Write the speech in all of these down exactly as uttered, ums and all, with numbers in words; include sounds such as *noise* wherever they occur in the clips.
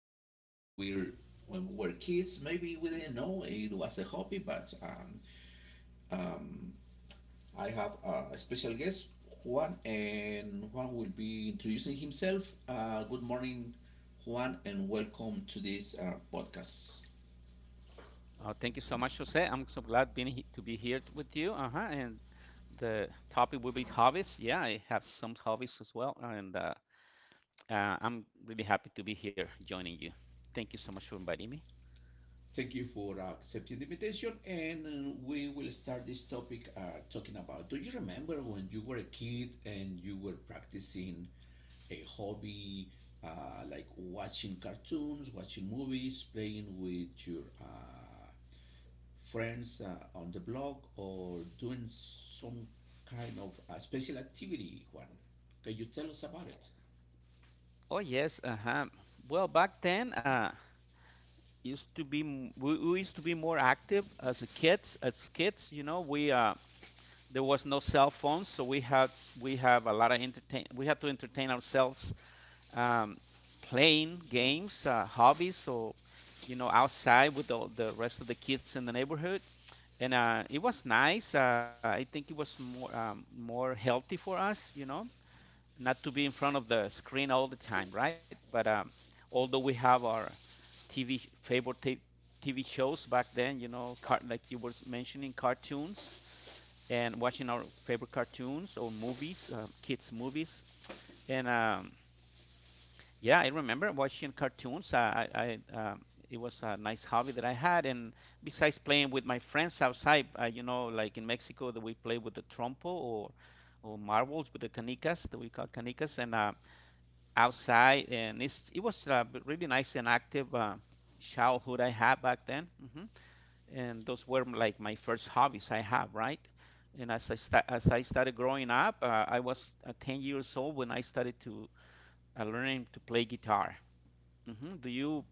Interested when we're When we were kids. Maybe we didn't know it was a hobby, but um, um, I have uh, a special guest, Juan, and Juan will be introducing himself. Uh, good morning, Juan, and welcome to this uh, podcast. Oh, thank you so much, Jose. I'm so glad being he- to be here t- with you. Uh-huh. And the topic will be hobbies. Yeah, I have some hobbies as well, and uh, uh, I'm really happy to be here joining you. Thank you so much for inviting me. Thank you for accepting the invitation, and uh, we will start this topic uh, talking about. Do you remember when you were a kid and you were practicing a hobby, uh, like watching cartoons, watching movies, playing with your uh, friends uh, on the block, or doing some kind of uh, special activity, Juan? Can you tell us about it? Oh yes, uh-huh. Well, back then, uh, used to be m- we, we used to be more active as a kids. As kids, you know, we uh, there was no cell phones, so we had we have a lot of entertain. We had to entertain ourselves, um, playing games, uh, hobbies, or you know, outside with the, the rest of the kids in the neighborhood. And uh, it was nice. Uh, I think it was more um, more healthy for us, you know, not to be in front of the screen all the time, right? But um, although we have our T V sh- favorite t- TV shows back then, you know, car- like you were s- mentioning, cartoons and watching our favorite cartoons or movies, uh, kids movies, and um, yeah, I remember watching cartoons. I, I, um, it was a nice hobby that I had, and besides playing with my friends outside, uh, you know, like in Mexico, that we play with the trompo or or marbles with the canicas that we call canicas, and uh, outside, and it's it was uh, b- really nice and active, uh, childhood I had back then. Hmm. And those were like my first hobbies I have, right? And as I sta as I started growing up, uh, I was uh, ten years old when I started to uh, learning to play guitar. Hmm. Do you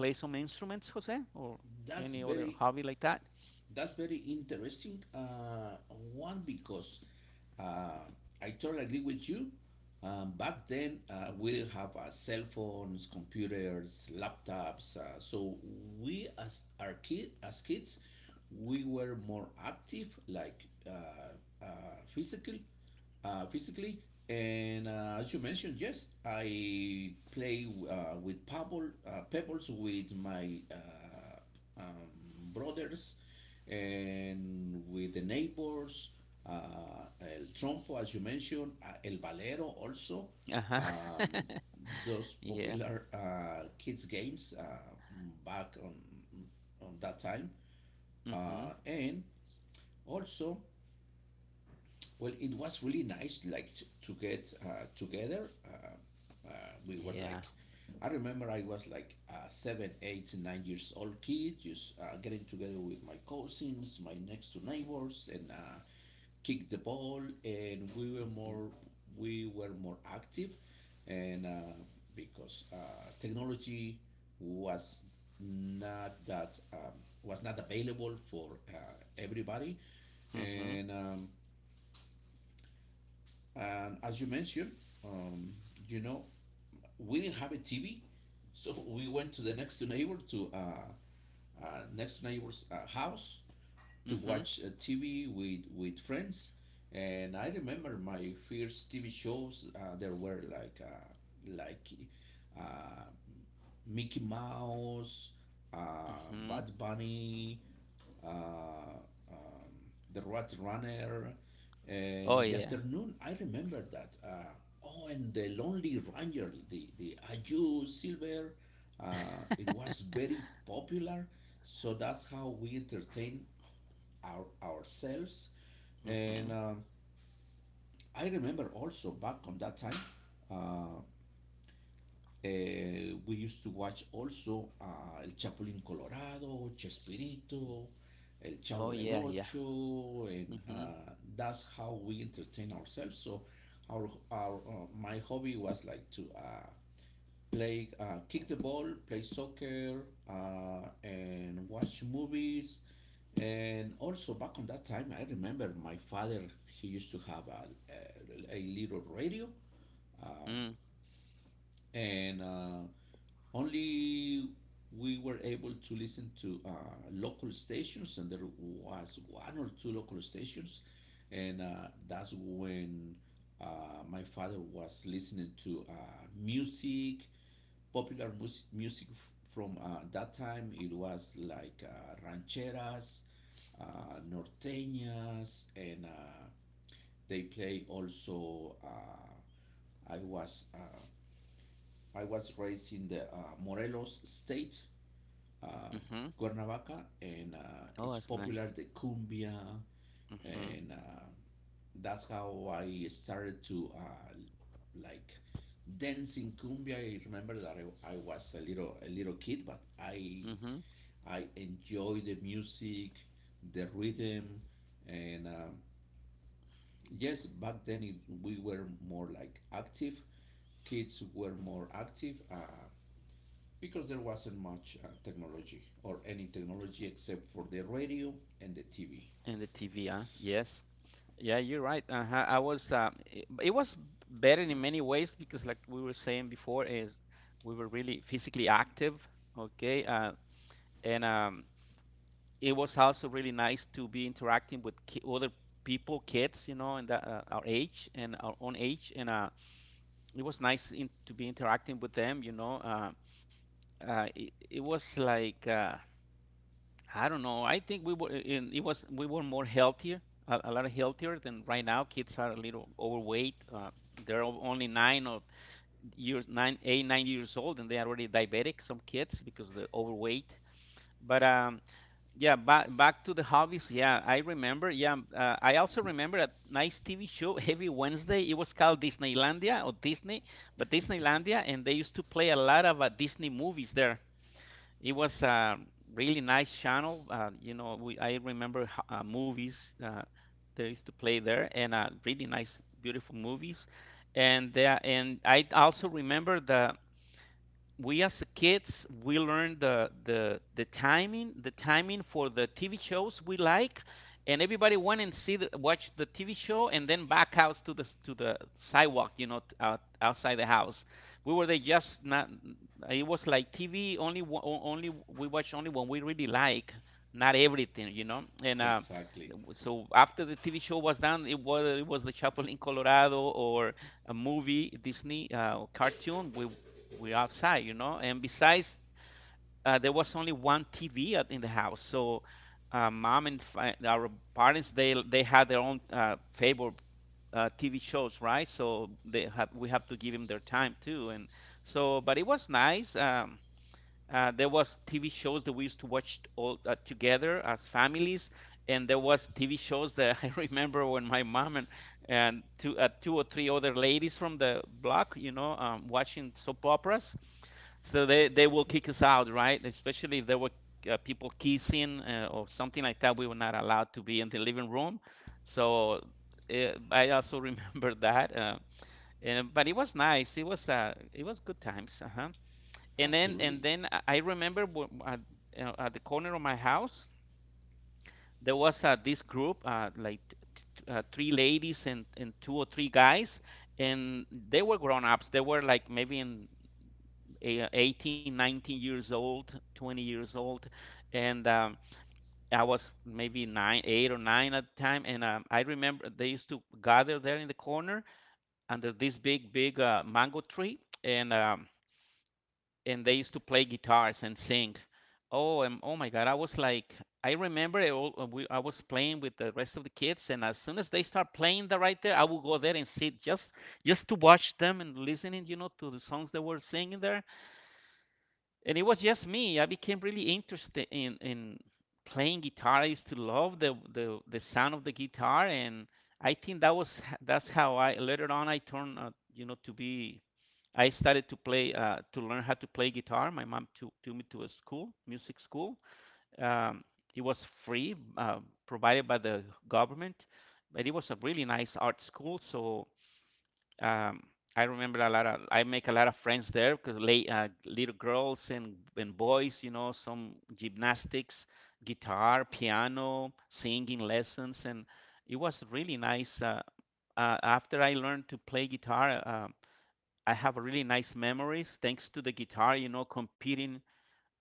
play some instruments, Jose, or That's any other very hobby like that? That's very interesting uh, one, because uh, I totally agree with you. Um, back then, uh, we didn't have uh, cell phones, computers, laptops. Uh, so we, as our kid, as kids, we were more active, like uh, uh, physical, uh, physically. And uh, as you mentioned, yes, I play uh, with pebble, uh, pebbles with my uh, um, brothers and with the neighbors, uh, El Trompo, as you mentioned, uh, El Valero also. Uh-huh. Um, those *laughs* Yeah. popular uh, kids games uh, back on on that time, uh, Hmm. and also, well, it was really nice, like t- to get uh, together. Uh, uh, we were like, Yeah. I remember I was like uh, seven, eight, nine years old kid, just uh, getting together with my cousins, my next door neighbors, and uh, kick the ball. And we were more, Hmm. we were more active, and uh, because uh, technology was not that um, was not available for uh, everybody. and. Hmm. Um, and as you mentioned, um, you know, we didn't have a T V, so we went to the next neighbor to, uh, uh, next neighbor's uh, house to Hmm. watch uh, T V with with friends, and I remember my first T V shows. Uh, there were like uh, like uh, Mickey Mouse, uh, Bad Hmm. Bunny, uh, um, the Rat Runner, and in the Oh yeah. afternoon I remember that. Uh, oh, and the Lonely Ranger, the the Aju Silver, uh, it was very popular. So that's how we entertain our, ourselves. And Hmm. um, I remember also back on that time, uh, eh, we used to watch also uh, El Chapulín Colorado, Chespirito, El Chavo Oh del yeah, yeah. Ocho, and Hmm. uh, that's how we entertain ourselves. So our, our uh, my hobby was like to uh, play, uh, kick the ball, play soccer, uh, and watch movies. And also back on that time, I remember my father. He used to have a, a, a little radio, Mm. and uh, only we were able to listen to uh, local stations, and there was one or two local stations, and uh, that's when uh, my father was listening to uh, music, popular mus- music f- from uh, that time. It was like uh, rancheras, uh, norteñas, and uh, they play also. Uh, I was uh, I was raised in the uh, Morelos state, uh, Hmm. Cuernavaca, and uh, Oh, it's that's nice. popular the cumbia Hmm. and. Uh, that's how I started to uh, like dance in cumbia. I remember that I, I was a little a little kid, but I Hmm. I enjoy the music, the rhythm, and um, yes, back then it, we were more like active. Kids were more active. Uh, because there wasn't much uh, technology or any technology except for the radio and the T V. And the T V, huh? Yes. Yeah, you're right. Uh-huh. I was uh, it, it was better in many ways, because like we were saying before, is we were really physically active, okay? Uh, and um, it was also really nice to be interacting with ki other people, kids, you know, in the, uh, our age and our own age, and uh, it was nice in, to be interacting with them, you know. Uh, uh, it, it was like, uh, I don't know. I think we were in it was we were more healthier, a, a lot healthier than right now. Kids are a little overweight. Uh, they're only nine or years nine, eight, nine years old, and they are already diabetic. Some kids because they're overweight. But um, yeah, back back to the hobbies. Yeah, I remember. Yeah, um, uh, I also remember a nice T V show *laughs* every Wednesday. It was called Disneylandia or Disney, but Disneylandia, and they used to play a lot of uh, Disney movies there. It was a really nice channel. Uh, you know, we, I remember uh, movies, uh, they used to play there, and uh, really nice, beautiful movies. And there, and I also remember, the we as kids we learn the the the timing the timing for the T V shows we like, and everybody went and see the, watch the T V show and then back out to the to the sidewalk, you know, out, outside the house. We were there, just not, it was like T V, only only we watch only when we really like, not everything, you know, and uh, Exactly. so after the T V show was done, it was it was the Chapel in Colorado or a movie, Disney uh, cartoon, we we're outside, you know. And besides, uh, there was only one T V at, in the house, so uh, mom and fi- our parents, they they had their own, uh, favorite, uh, T V shows, right? So they have we have to give them their time too, and so but it was nice. Um, uh, there was T V shows that we used to watch all, uh, together as families, and there was T V shows that *laughs* I remember when my mom and and two uh, two or three other ladies from the block, you know, um, watching soap operas. So they they will kick us out, right? Especially if there were, uh, people kissing, uh, or something like that. We were not allowed to be in the living room. So uh, I also *laughs* remember that. Uh, and but it was nice. It was, uh, it was good times. Uh-huh. and then and Absolutely. then I remember, at, at the corner of my house there was, uh, this group, uh, like uh, three ladies, and, and two or three guys, and they were grown-ups. They were like maybe in a- 18, 19 years old, twenty years old, and um, I was maybe nine, eight or nine at the time. And um, I remember they used to gather there in the corner under this big big, uh, mango tree, and um, and they used to play guitars and sing. Oh, and oh my God, I was like, I remember, I, al- we, I was playing with the rest of the kids, and as soon as they start playing that right there, I would go there and sit just just to watch them and listening, you know, to the songs they were singing there. And it was just me. I became really interested in in playing guitar. I used to love the the the sound of the guitar, and I think that was h- that's how I later on I turned out, you know, to be I started to play, uh, to learn how to play guitar. My mom took, took me to a school, music school. Um, it was free, uh, provided by the government, but it was a really nice art school. So um, I remember a lot of I make a lot of friends there because, late, uh, little girls and and boys, you know, some gymnastics, guitar, piano, singing lessons, and it was really nice. Uh, uh, after I learned to play guitar, Uh, I have really nice memories thanks to the guitar, you know, competing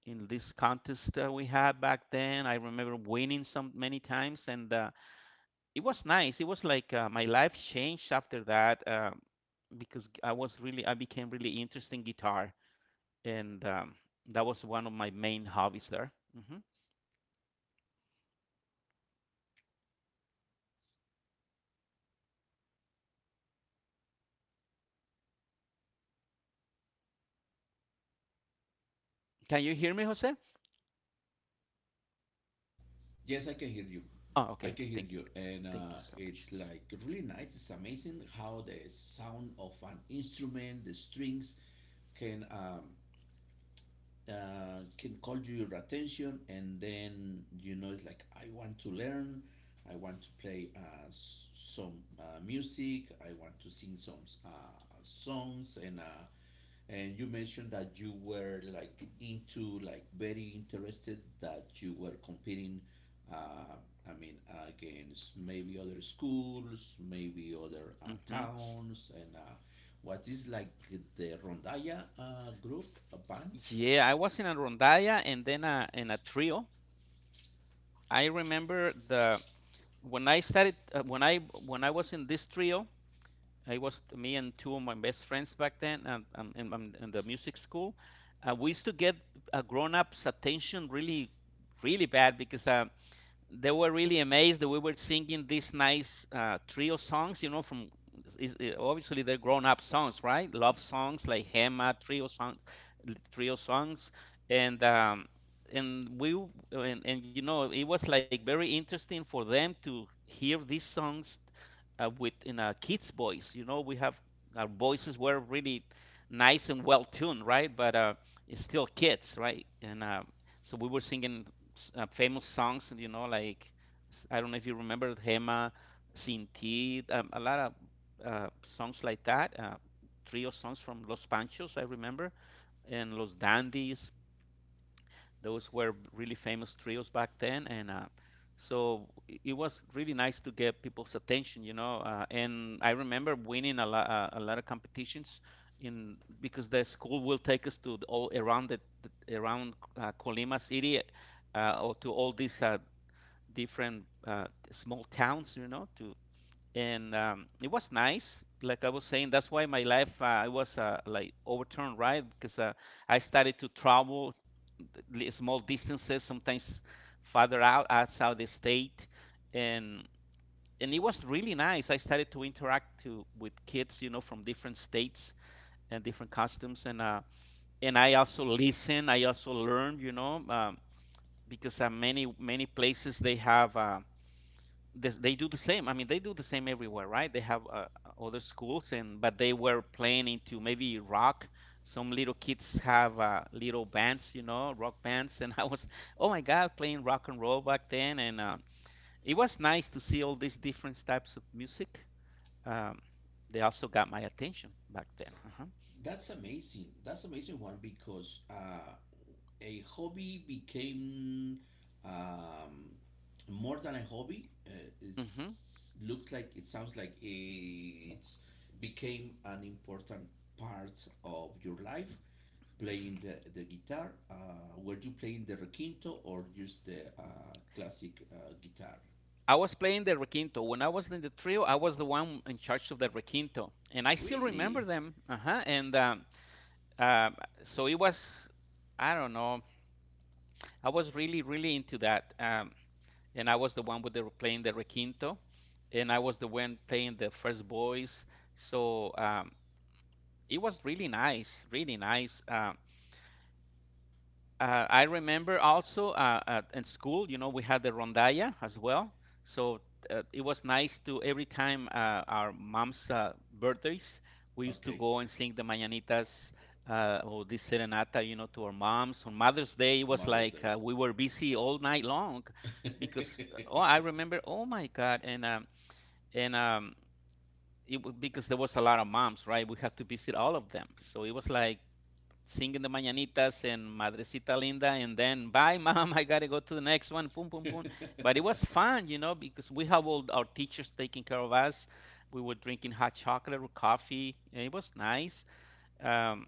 in this contest, uh, we had back then. I remember winning some many times, and uh, it was nice. It was like, uh, my life changed after that, uh, because I was really I became really interested in guitar, and um, that was one of my main hobbies there. Hmm. Can you hear me, Jose? Yes, I can hear you. Oh, I okay, can okay. hear Thank you. you, And uh, thank you so it's much. like really nice. It's amazing how the sound of an instrument, the strings, can um, uh, can call your attention. And then, you know, it's like I want to learn, I want to play, uh, s- some uh, music. I want to sing some uh, songs. And uh, and you mentioned that you were like into, like, very interested, that you were competing, uh, I mean, against maybe other schools, maybe other uh, Hmm. towns. And uh, was this like the rondalla uh, group, a band? Yeah, I was in a rondalla and then a, in a trio. I remember the when I started uh, when I when I was in this trio. I was me and two of my best friends back then, and um, in, um, in the music school. Uh, we used to get, uh, grown-ups' attention really, really bad because, uh, they were really amazed that we were singing these nice, uh, trio songs, you know, from, is, obviously they're grown-up songs, right? Love songs like Hema, trio songs, trio songs, and um, and we and, and you know it was like very interesting for them to hear these songs, uh, with in a kid's voice. You know, we have our voices were really nice and well tuned, right? But uh, it's still kids, right? And uh, so we were singing, s- uh, famous songs, you know, like, s- I don't know if you remember Hema, Sin Ti, um, a lot of, uh, songs like that, uh, trio songs from Los Panchos, I remember, and Los Dandies. Those were really famous trios back then, and uh, so it was really nice to get people's attention, you know. Uh, and I remember winning a lot, uh, a lot of competitions in because the school will take us to all around, the, the- around, uh, Colima City, uh, or to all these, uh, different, uh, small towns, you know. To and um, it was nice. Like I was saying, that's why my life uh, I was uh, like overturned, right? Because uh, I started to travel small distances, sometimes farther out outside the state, and and it was really nice. I started to interact to with kids, you know, from different states and different customs, and uh, and I also listen. I also learn, you know, um, because uh, many many places they have, uh, this, they do the same. I mean, they do the same everywhere, right? They have, uh, other schools, and but they were playing into maybe rock. Some little kids have, uh, little bands, you know, rock bands, and *laughs* I was, oh my God, playing rock and roll back then, and uh, it was nice to see all these different types of music. Um, they also got my attention back then. Uh-huh. That's amazing. That's amazing one because uh, a hobby became, um, more than a hobby. Uh, it's Hmm. Looks like, it sounds like, it's became an important part of your life. Playing the, the guitar, uh, were you playing the requinto or just the uh, classic uh, guitar? I was playing the requinto. When I was in the trio, I was the one in charge of the requinto, and I still Really? remember them. Uh-huh. And um, Um, so it was, I don't know, I was really, really into that. Um, and I was the one with the playing the requinto, and I was the one playing the first voice. So um, it was really nice, really nice. Um, Uh, I remember also uh, at, in school, you know, we had the rondalla as well. So uh, it was nice to every time uh, our mom's uh, birthdays, we used to Okay. go and sing the mañanitas uh, or the serenata, you know, to our moms. On Mother's Day, it was Mother's like Day. uh, we were busy all night long because uh, oh, I remember, oh my God, and um, and um, it, w- because there was a lot of moms, right? We had to visit all of them, so it was like singing the mañanitas and Madrecita Linda, and then bye, mom, *laughs* I gotta go to the next one, boom, boom, boom. But it was *laughs* fun, you know, because we have all our teachers taking care of us. We were drinking hot chocolate or coffee, it was nice. Um,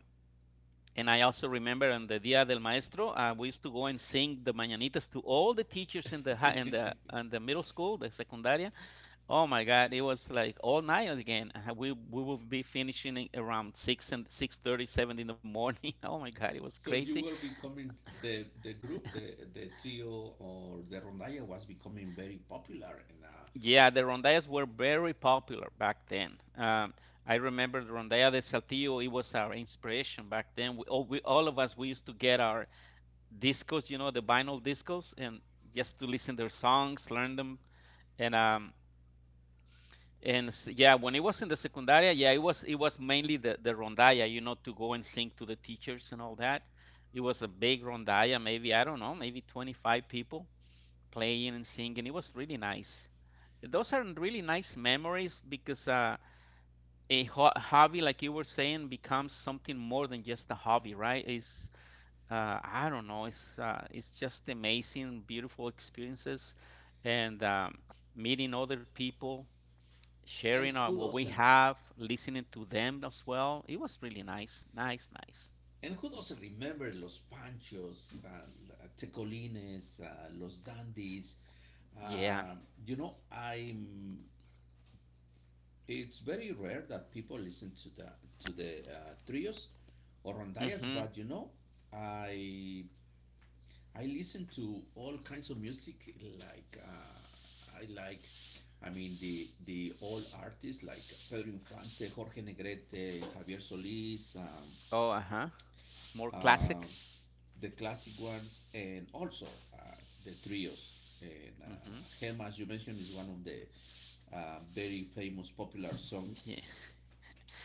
and I also remember on the Dia del Maestro, uh, we used to go and sing the mañanitas to all the teachers in the hi- in the *laughs* in the middle school, the secundaria. Oh my God, it was like all night again. Uh, We we would be finishing around six and six thirty, seven in the morning. *laughs* Oh my God, it was so crazy. you were becoming the the group, the the trio or the rondalla was becoming very popular, and uh, Yeah, the rondallas were very popular back then. Um, I remember the rondalla de Saltillo. It was our inspiration back then. We all, we, all of us, we used to get our discos, you know, the vinyl discos, and just to listen their songs, learn them, and um, and s- yeah, when it was in the secundaria, yeah, it was it was mainly the the rondalla, you know, to go and sing to the teachers and all that. It was a big rondalla, maybe I don't know, maybe twenty-five people, playing and singing. It was really nice. Those are really nice memories because uh, a ho hobby, like you were saying, becomes something more than just a hobby, right? It's uh, I don't know. It's uh, it's just amazing, beautiful experiences, and um, meeting other people, and sharing uh, who what we doesn't? have, listening to them as well. It was really nice, nice, nice. And who doesn't Mhm. remember Los Panchos, uh, Tecolines, uh, Los Dandies? Yeah. Uh, you know, I'm. It's very rare that people listen to the to the uh, trios or rondallas, hmm but you know, I I listen to all kinds of music. Like uh, I like, I mean, the the old artists, like Pedro Infante, Jorge Negrete, Javier Solís, um, Oh, uh-huh. More uh, classic. the classic ones, and also uh, the trios. And uh, Hmm Gema, as you mentioned, is one of the uh, very famous popular song. Yeah.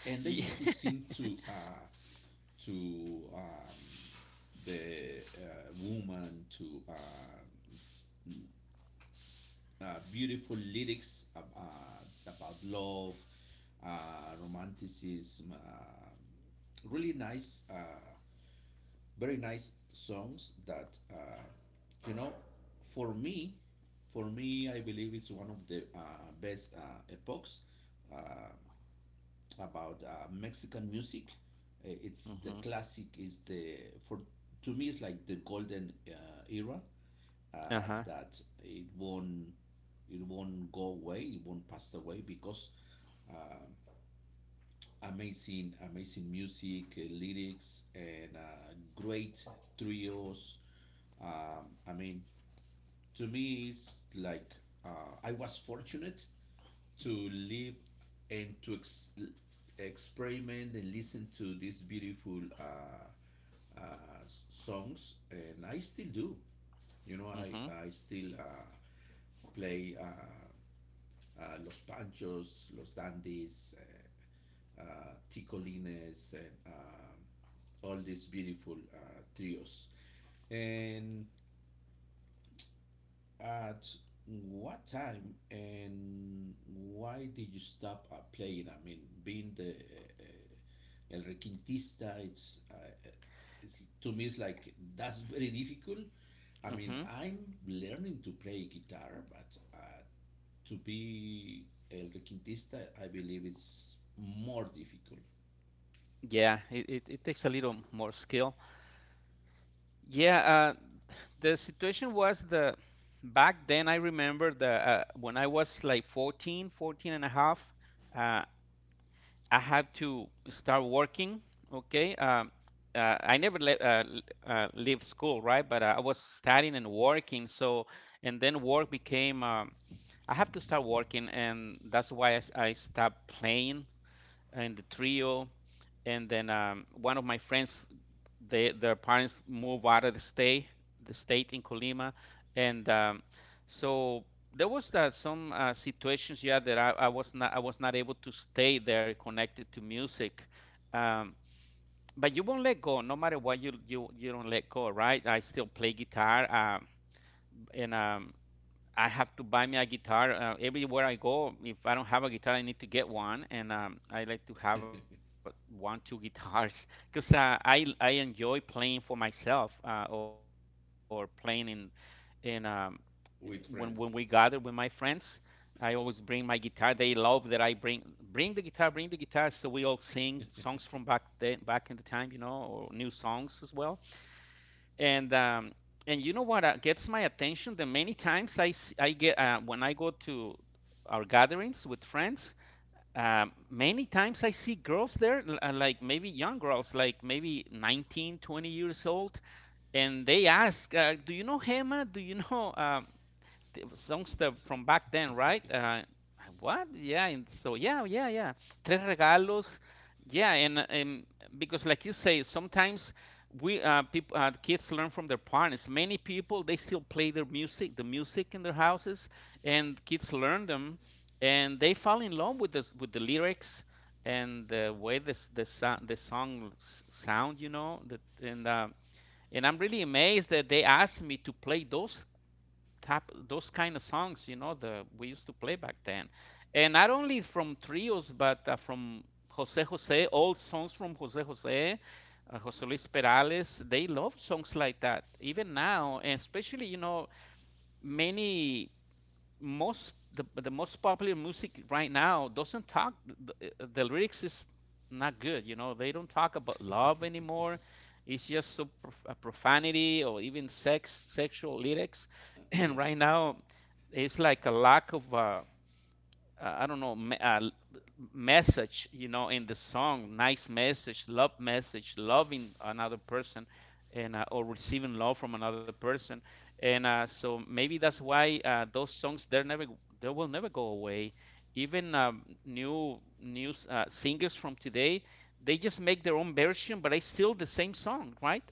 And they used to *laughs* sing to, uh, to um, the uh, woman, to, uh, uh, beautiful lyrics ab- uh, about love, uh, romanticism, uh, really nice, uh, very nice songs that, uh, you know, for me, for me, I believe it's one of the uh, best uh, epochs uh, about uh, Mexican music. Uh, It's the Yeah. *laughs* classic. Is the for To me it's like the golden uh, era, uh, Uh-huh. that it won't it won't go away. It won't pass away because amazing, amazing music, uh, lyrics, and uh, great trios. Um, I mean, to me is like, uh, I was fortunate to live and to ex- experiment and listen to these beautiful, uh, uh, s- songs, and I still do. You know, I Mm-hmm. I still uh, play, uh, uh, Los Panchos, Los Dandies, uh, uh, Ticolines, and um all these beautiful uh, trios. And at what time and why did you stop uh, playing? I mean, being the uh, El Requintista, it's, uh, it's to me it's like that's very difficult. I mean, Mm-hmm. I'm learning to play guitar, but uh, to be El Requintista, I believe it's more difficult Yeah, it, it, it takes a little more skill. Yeah, uh, the situation was the back then. I remember the uh, when I was like fourteen, fourteen and a half. uh, I had to start working, okay? Um, uh, I never le uh, l- uh, leave school, right? But uh, I was studying and working, so and then work became um, I have to start working, and that's why I, s- I stopped playing in the trio, and then um, one of my friends, they, their parents moved out of the state, the state in Colima, and um, so there was uh, some uh, situations, yeah, that I, I was not, I was not able to stay there connected to music. Um, but you won't let go, no matter what you you you don't let go, right? I still play guitar, um, and um, I have to buy me a guitar uh, everywhere I go. If I don't have a guitar, I need to get one, and um, I like to have *laughs* one, two guitars *laughs* because uh, I I enjoy playing for myself uh, or playing in in um, with when when friends. we gather with my friends. I always bring my guitar. They love that I bring bring the guitar, bring the guitar, so we all sing songs from back then, back in the time, you know, or new songs as well, and um, and you know what uh, gets my attention? The many times I s- I get uh, when I go to our gatherings with friends, um, many times I see girls there, l- uh, like maybe young girls, like maybe nineteen, twenty years old, and they ask, uh, "Do you know Hema? Do you know?" Um, songs that from back then, right? Uh, what? Yeah. And so yeah, yeah, yeah. Tres regalos. Yeah, and and because like you say, sometimes we uh, people, uh, kids learn from their parents. Many people they still play their music, the music in their houses, and kids learn them, and they fall in love with this with the lyrics and the way this the sound the song s- sound, you know. That and uh, and I'm really amazed that they asked me to play those tap those kind of songs, you know, the we used to play back then, and not only from trios but uh, from jose jose old songs from jose jose, uh, jose luis perales. They love songs like that even now, and especially, you know, many, most, the the most popular music right now doesn't talk the, the lyrics is not good, you know. They don't talk about love anymore. It's just so prof- uh, profanity or even sex sexual lyrics *clears throat* *laughs* and right yes, now it's like a lack of uh, uh, I don't know, me- uh, message, you know, in the song, nice message, love message, loving another person, and uh, or receiving love from another person, and uh, so maybe that's why uh, those songs they're never, they will never go away. Even um, new new uh, singers from today, they just make their own version, but it's still the same song, right?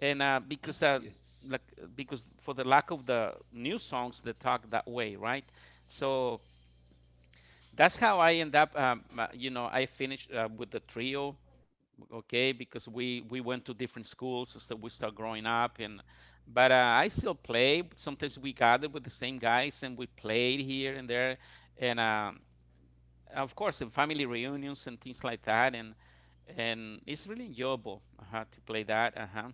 And uh, because uh, yes, like because for the lack of the new songs that talk that way, right? So that's how I end up. Um, uh, you know, I finished uh, with the trio, okay, because we we went to different schools, so we start growing up, and but uh, I still play. Sometimes we gathered with the same guys and we played here and there, and um, of course in family reunions and things like that, and and it's really enjoyable uh, to play that. Uh-huh.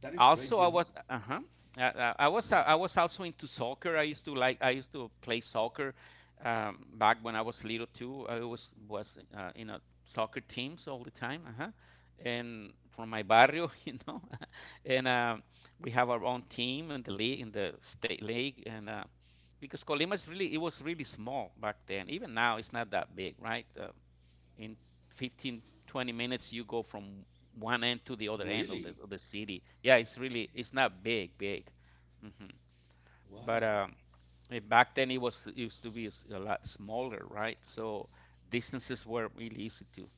that is great, Also, you I know. was uh-huh. Uh, uh, I was uh, I was also into soccer. I used to like I used to play soccer, um, back when I was little too. I was was uh, in a soccer teams all the time. Uh-huh. And from my barrio, *laughs* you know, *laughs* and uh, we have our own team in the league, in the state league, and uh, because Colima is really it was really small back then. Even now, it's not that big, right? Uh, in fifteen, twenty minutes, you go from one end to the other end of the, Really, of the city. Yeah, it's really, it's not big, big. Hmm But wow. um, eh, back then it was, it used to be a lot smaller, right? So distances were really easy to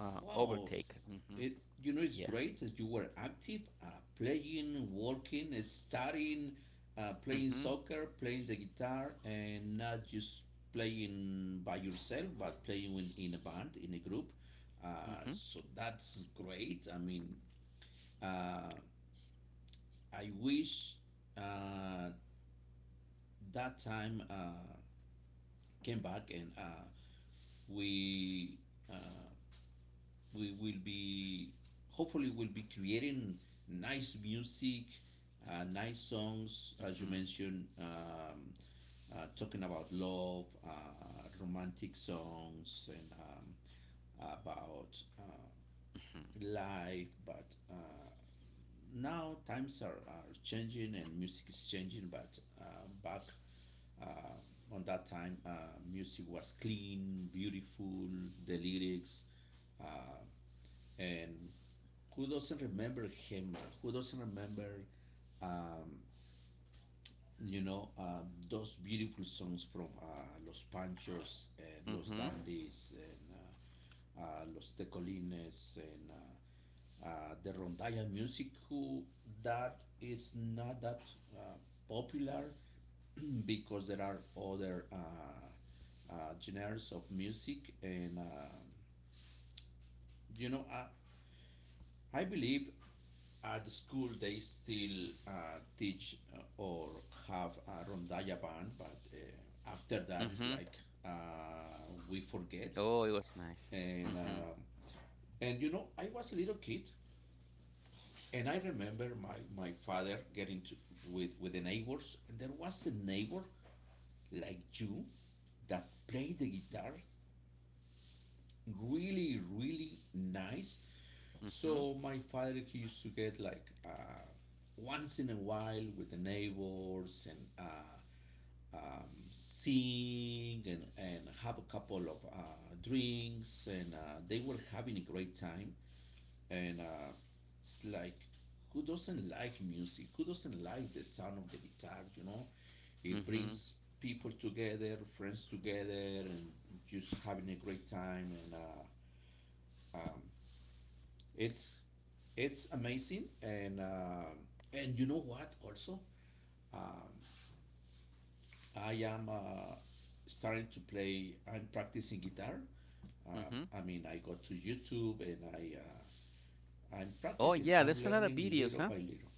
uh, Wow, overtake. Hmm it you know it's Yeah. great that you were active, uh, playing, working, studying, uh, playing hmm soccer, playing the guitar, and not just playing by yourself, but playing in, in a band, in a group. mm Uh, hmm So that's great. I mean, uh, I wish uh, that time uh, came back and uh, we uh, we will be hopefully we'll be creating nice music, uh, nice songs, as you mentioned, um, uh, talking about love, uh, romantic songs, and um, about hmm uh, life. But uh, now times are, are changing and music is changing, but uh, back uh, on that time, uh, music was clean, beautiful, the lyrics, uh, and who doesn't remember him? Who doesn't remember, um, you know, uh, those beautiful songs from uh, Los Panchos and hmm Los Dandies and uh, uh, Los Tecolines and uh, uh, the rondalla music, who, that is not that uh, popular, *clears throat* because there are other uh, uh, genres of music. And uh, you know, I, I believe at the school they still uh, teach uh, or have a rondalla band, but uh, after hmm that it's hmm like, uh, we forget. Oh, it was nice. Mm And hmm uh, and you know, I was a little kid, and I remember my, my father getting to with with the neighbors, and there was a neighbor like you, that played the guitar really, really nice. mm hmm So my father, he used to get like, uh, once in a while with the neighbors, and uh, um, sing, and, and have a couple of uh, drinks, and uh, they were having a great time. And uh, it's like, who doesn't like music? Who doesn't like the sound of the guitar? You know, mm it hmm brings people together, friends together, and just having a great time. And uh, it's it's amazing. And um and you know what, also, um, I am, uh, starting to play, I'm practicing guitar. mm um, hmm I mean, I go to YouTube and i uh, I'm Oh, practicing, yeah, I'm there's a lot of learning videos, little huh? by little.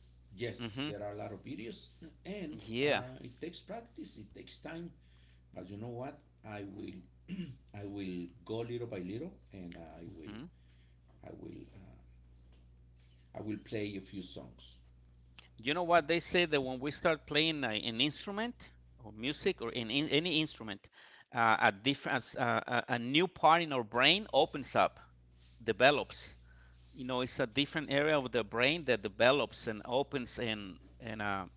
mm Yes, hmm there are a lot of videos, and Yeah. uh, it takes practice, it takes time. But you know what, I will, *clears throat* I will go little by little, and i will Mm-hmm. i will uh, i will play a few songs You know what they say that when we start playing a, an instrument or music or in, in any instrument, uh, a different uh, a, a new part in our brain opens up, develops. You know, it's a different area of the brain that develops and opens and and uh,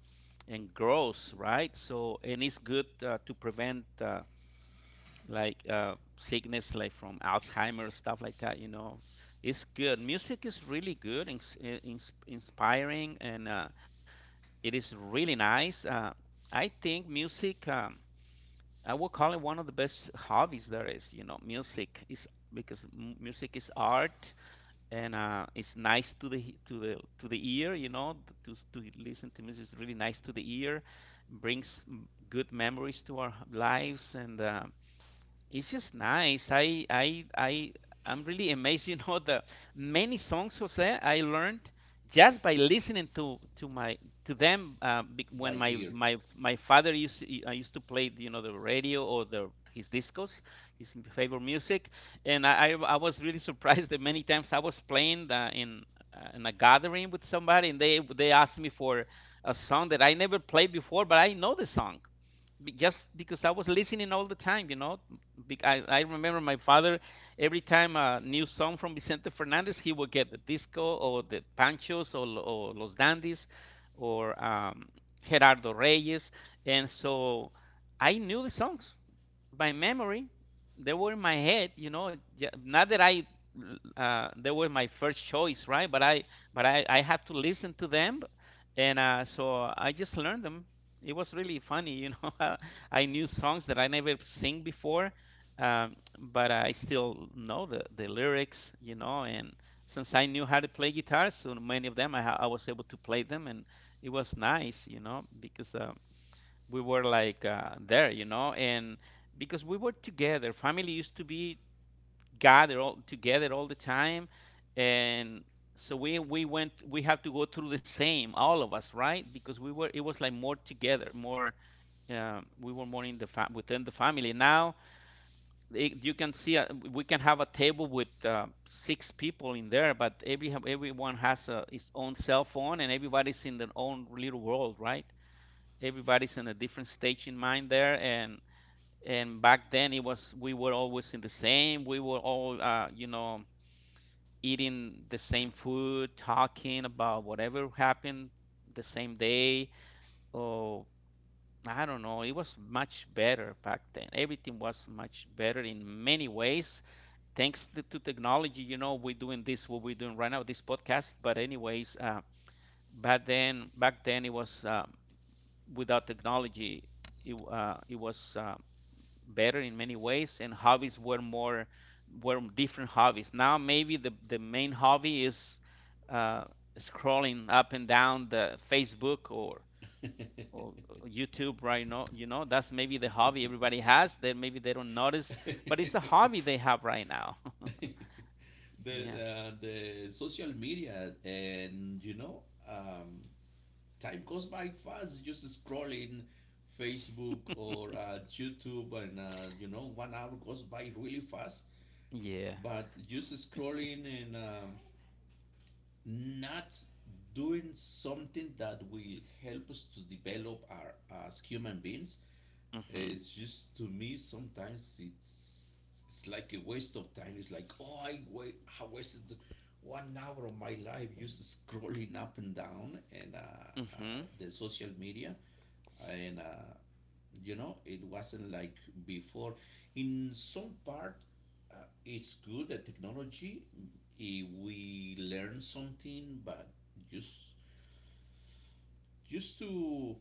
and grows, right? So, and it's good uh, to prevent uh, like uh, sickness, like from Alzheimer's, stuff like that. You know, it's good. Music is really good, ins- ins- inspiring, and uh, it is really nice. Uh, I think music, um, I would call it one of the best hobbies there is. You know, music is because m- music is art, and uh, it's nice to the to the to the ear. You know, to to listen to music is really nice to the ear, brings m- good memories to our lives, and uh, it's just nice. I I I I'm really amazed, *laughs* you know, the many songs, Jose, I learned just by listening to to my to them uh, bec- when by my ear. my my father used to, I used to play, you know, the radio or the his discos, his m- favorite music, and I I, I was really *laughs* surprised that many times I was playing uh, in uh, in a gathering with somebody and they they asked me for a song that I never played before, but I know the song just because I was listening all the time, you know. Bec- I, I remember my father, every time a new song from Vicente Fernandez, he would get the disco or the Panchos, or, Lo- or Los Dandies or um, Gerardo Reyes. And so I knew the songs by memory. They were in my head, you know. Not that I, uh, they were my first choice, right? But I, but I, I had to listen to them, and uh, so I just learned them. It was really funny, you know. *laughs* I knew songs that I never sing before, um, but I still know the, the lyrics, you know. And since I knew how to play guitar, so many of them I, ha- I was able to play them, and it was nice, you know, because uh, we were like uh, there, you know, and because we were together, family used to be gathered all together all the time, and so we we went we had to go through the same all of us, right? Because we were It was like more together, more um, we were more in the fa- within the family. Now it, you can see uh we can have a table with uh, six people in there, but every everyone has a, his own cell phone, and everybody's in their own little world, right? Everybody's in a different stage in mind there, and and back then it was, we were always in the same, we were all uh, you know eating the same food, talking about whatever happened the same day. Or I don't know, it was much better back then. Everything was much better in many ways, thanks to, to technology. You know, we're doing this, what we're doing right now, this podcast. But anyways, uh, back then back then it was, um, without technology, it, uh, it was, uh, better in many ways. And hobbies were more were different hobbies. Now maybe the the main hobby is uh, scrolling up and down the Facebook, or *laughs* or YouTube right now, you know. That's maybe the hobby everybody has, that maybe they don't notice, but it's a hobby they have right now. the *laughs* Yeah, uh, the social media, and you know, um, time goes by fast, just scrolling Facebook or uh, YouTube. And uh, you know, one hour goes by really fast, yeah. but just scrolling. And um, not doing something that will help us to develop our, as human beings. Mhm. It's just, to me sometimes it's it's like a waste of time. It's like, oh, I wait I wasted one hour of my life just scrolling up and down and uh, uh, Mhm. the social media. And uh, you know, it wasn't like before. In some part, uh, it's good that technology. If we learn something. But just just to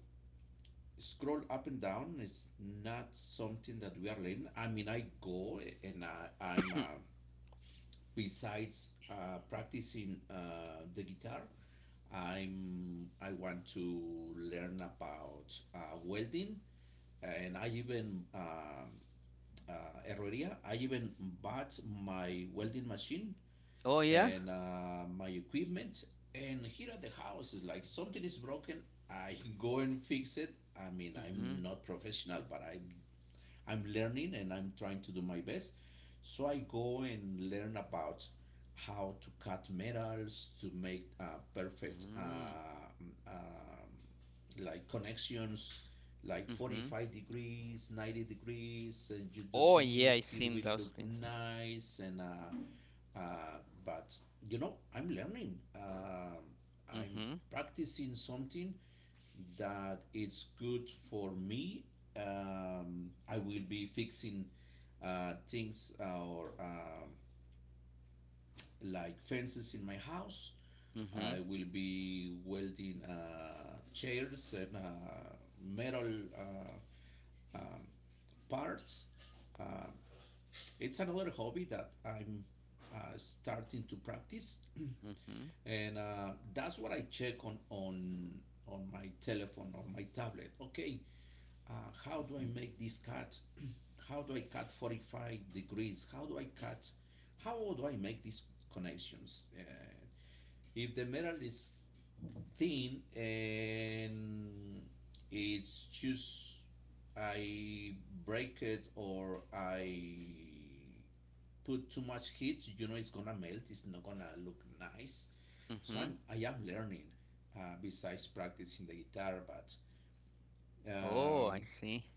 scroll up and down is not something that we are learning. I mean, I go and I, I'm uh, besides uh, practicing uh, the guitar, I'm I want to learn about uh, welding, and I even uh uh, herrería. I even bought my welding machine Oh yeah. and uh, my equipment. And here at the house is like something is broken. I *laughs* go and fix it. I mean, I'm Mhm. not professional, but I I'm learning and I'm trying to do my best. So I go and learn about how to cut metals to make uh, perfect uh, Mm. um, um, like connections like Mhm. forty-five degrees, ninety degrees, and you do Oh yeah, I this, it seen will those look things. nice and uh, uh, but you know, i'm learning Um i'm Mhm. practicing something that it's good for me. Um, I will be fixing uh, things uh, or um, like fences in my house. I Mhm. will be welding uh, chairs and uh, metal uh, um, parts. Uh, it's another hobby that I'm uh, starting to practice. Mhm. *clears throat* and uh, that's what I check on on on my telephone or my tablet. Okay, uh, how do I make this cut? *clears throat* How do I cut forty-five degrees? How do I cut? How do I make these connections? Uh, if the metal is thin and it's just I break it, or I put too much heat, you know it's gonna melt. It's not gonna look nice. So Mhm. I'm I am learning, uh, besides practicing the guitar. But Oh, I um, see.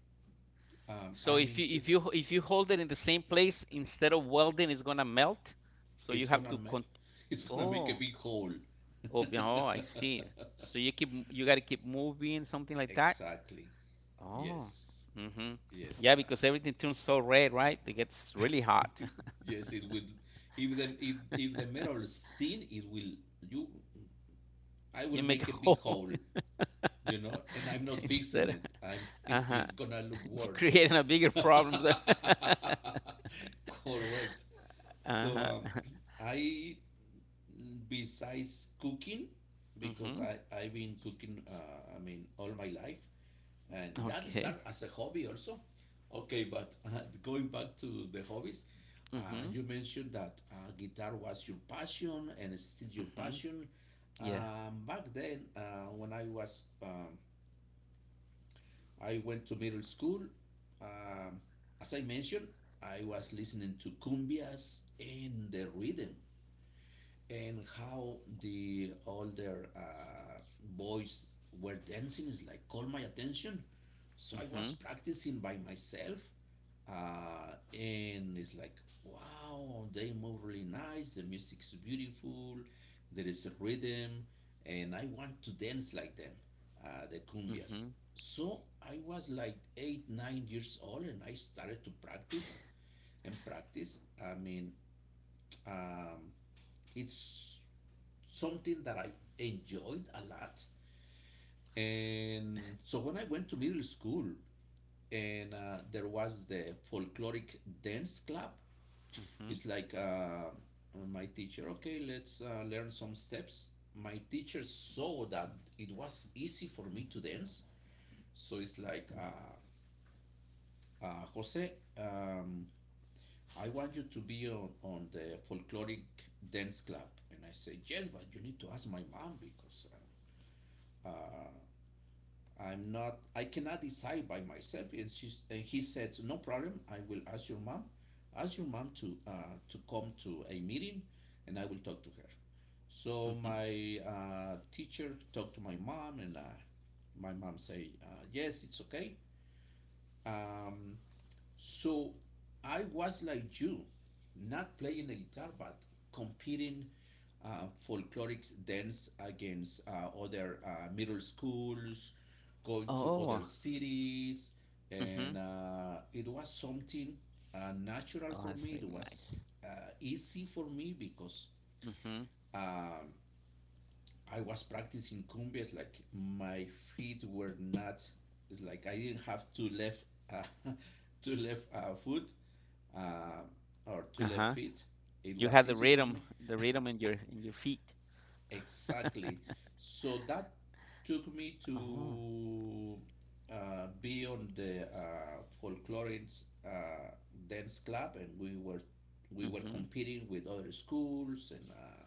um, So I'm if you into if you if you hold it in the same place instead of welding, it's gonna melt. So it's you have gonna to melt. con *laughs* It's gonna make a Oh, big hole. oh yeah, oh, I *laughs* see. So you keep m- you gotta keep moving, something like that. Exactly. Oh. Yes. Mm-hmm. Yes. Yeah, Uh, because everything turns so red, right? It gets really hot. *laughs* *laughs* yes, it will. If the if, if the metal is thin, it will. You. I You will make a make a big hole hole. You know, and I'm *laughs* not fixing instead. it. I'm *laughs* Uh-huh. it's gonna look *laughs* You're worse. creating a bigger *laughs* problem there. *laughs* Correct. So Uh-huh. um, *laughs* I, besides cooking, because Mm-hmm. I I've been cooking uh, I mean all my life, and that Okay. started as a hobby also. Okay, but *laughs* uh, going back to the hobbies, uh, Mm-hmm. you mentioned that uh, guitar was your passion and it's still your Mm-hmm. passion. Yeah. Um, back then, uh, when I was um, I went to middle school. Um, as I mentioned, I was listening to cumbias, and the rhythm and how the older uh, boys were dancing is like called my attention. So I was Mhm. practicing by myself, uh, and it's like, wow, they move really nice, the music's beautiful, there is a rhythm, and I want to dance like them, uh, the cumbias. Mhm. So I was like eight nine years old, and I started to practice and practice. I mean, um, it's something that I enjoyed a lot. And so when I went to middle school, and uh, there was the folkloric dance club. It's Mhm. like, uh, my teacher, okay, let's uh, learn some steps. My teacher saw that it was easy for me to dance, so it's like, uh, uh, Jose, um, I want you to be on, on the folkloric dance club. And I say, yes, but you need to ask my mom, because uh, uh, I'm not, I cannot decide by myself. And, she's, and he said, no problem, I will ask your mom. Ask your mom to, uh, to come to a meeting, and I will talk to her. So Mhm. my uh, teacher talked to my mom, and uh, my mom say, uh, yes, it's okay. Um, so I was like you, not playing the guitar, but competing uh, folkloric dance against uh, other uh, middle schools, Oh. going to other Mhm. cities, and uh, it was something uh, Oh, that's natural really for me. It nice. was uh, easy for me, because Mhm. um, I was practicing cumbias, like my feet were not. It's like, I didn't have two left, uh, *laughs* two left uh, foot, uh, or two left Uh-huh. feet. It You was had the easy for rhythm, me. the rhythm in your in your feet. *laughs* Exactly. So that took me Oh. to uh, be on the uh, folklorist uh, dance club, and we were we were Mhm. competing with other schools and. Uh,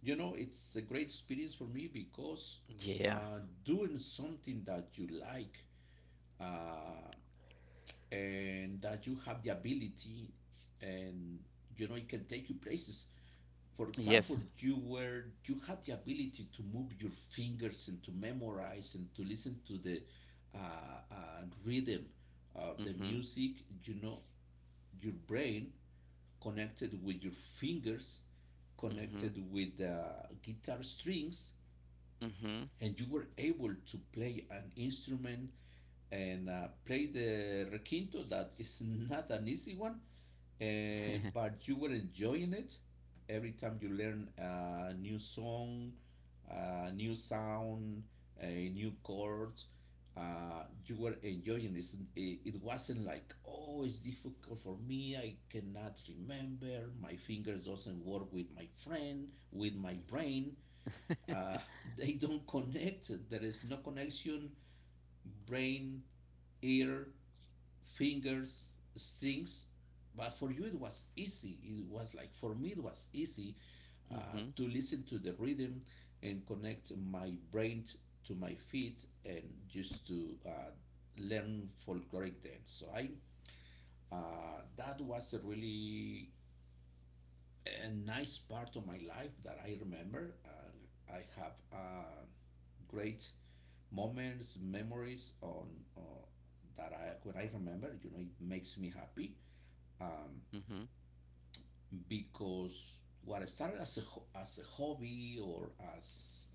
You know, it's a great experience for me, because Yeah. uh, doing something that you like uh, and that you have the ability, and you know, it can take you places. For example, Yes. you were you had the ability to move your fingers and to memorize and to listen to the uh, uh, rhythm of the Mhm. music. You know, your brain connected with your fingers, connected Mhm. with the uh, guitar strings, Mhm. and you were able to play an instrument and uh, play the requinto, that is not an easy one, uh, but you were enjoying it. Every time you learn a new song, a new sound, a new chords, uh, you were enjoying this. It, it wasn't like, oh, it's difficult for me, I cannot remember, my fingers doesn't work with my friend with my brain, uh, they don't connect, there is no connection, brain, ear, fingers, strings. But for you it was easy. It was like for me, it was easy uh, to Mhm. listen to the rhythm and connect my brain t- to my feet, and just to uh, learn folkloric dance. So I uh, That was a really a nice part of my life that I remember. Uh, I have uh, great moments, memories on uh, that I, when I remember, you know, it makes me happy, um, Mhm. *laughs* because what I started as a ho- as a hobby, or as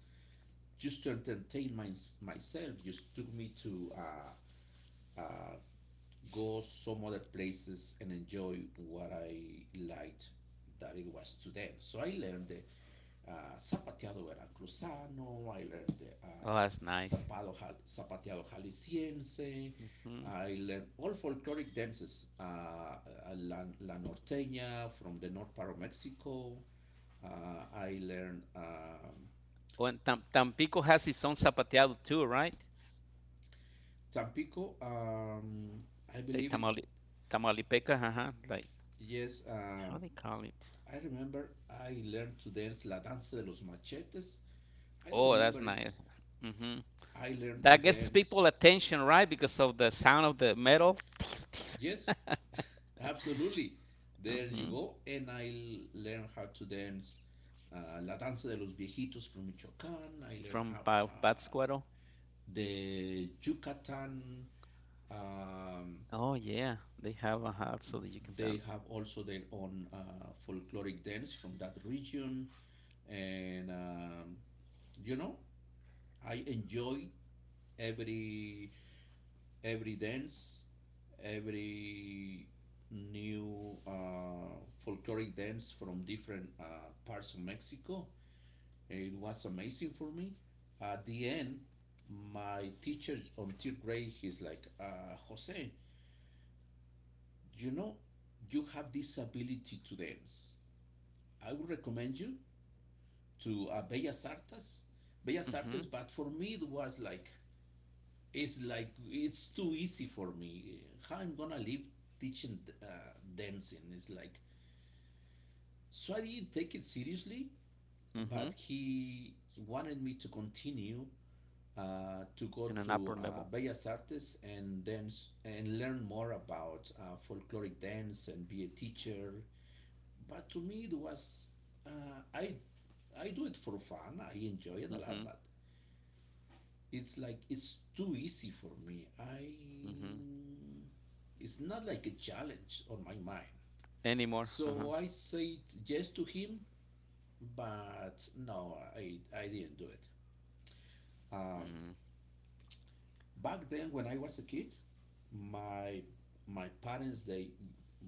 just to entertain my, myself, just took me to uh, uh, go some other places and enjoy what I liked, that it was to them. So I learned the uh, zapateado veracruzano, I learned the uh, Oh, that's nice. zapado, jal- zapateado jalisciense, Mhm. I learned all folkloric dances, uh, uh, la, la norteña from the north part of Mexico. Uh, I learned um, Oh, and Tam Tampico has its own zapateado too, right? Tampico. Um, I They believe it's tamale Tamaulipeca, uh-huh. Like, yes. how Um, they call it? I remember I learned to dance La Danza de los Machetes. I don't Oh, that's remember it's nice. Mhm. I learned That to gets people dance. attention, right? Because of the sound of the metal. *laughs* Yes, absolutely. There you Hmm. go. And I l- learned how to dance uh, La Danza de los Viejitos from Michoacán. I learned From how bad Bat uh, Squirrel. the Yucatan. Um, Oh yeah, they have a hat so that you can they dance. have also their own uh, folkloric dance from that region. And um, you know, I enjoy every every dance, every new uh, folkloric dance from different uh, parts of Mexico. It was amazing for me. At the end, my teacher on third grade, he's like, uh, Jose, you know, you have this ability to dance. I would recommend you to uh, Bellas Artes. Bellas Hmm. Artes. But for me it was like, it's like it's too easy for me. How I'm gonna live teaching uh, dancing? It's like, so I didn't take it seriously. Hmm. But he wanted me to continue uh, to go In an upper to uh, level. Bellas Artes and dance and learn more about uh, folkloric dance and be a teacher. But to me it was uh, i I do it for fun, I enjoy it a Hmm. lot, but it's like, it's too easy for me. I Hmm. It's not like a challenge on my mind. Anymore. Uh-huh. So I said yes to him, but no, i i didn't do it. um, Back then when I was a kid, my my parents, they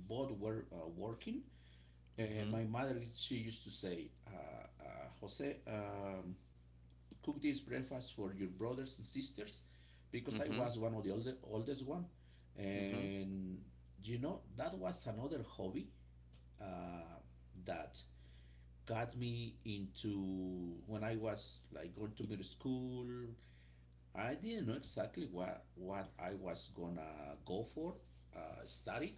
both were uh, working, and Mm-hmm. my mother, she used to say, uh, uh, Jose, um, cook this breakfast for your brothers and sisters, because I Hmm. was one of the older, oldest one. Hmm. Hmm. And you know, that was another hobby uh, that got me into when I was like going to middle school. I didn't know exactly what, what I was gonna go for, uh, study.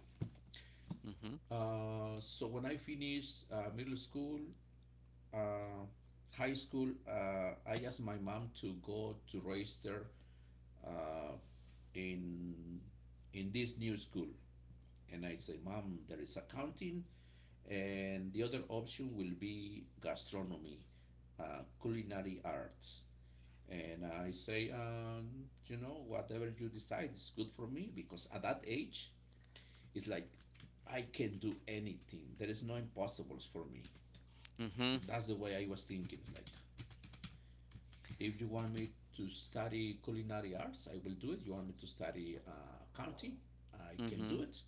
Uh, so when I finished uh, middle school, uh, high school, uh, I asked my mom to go to register uh, in in this new school, and I say, mom, there is accounting and the other option will be gastronomy, uh, culinary arts. And I say, um, you know, whatever you decide is good for me, because at that age, it's like, I can do anything, there is no impossibles for me. Hmm. Hmm. That's the way I was thinking. It's like, if you want me to study culinary arts, I will do it. You want me to study uh, accounting, I can do it.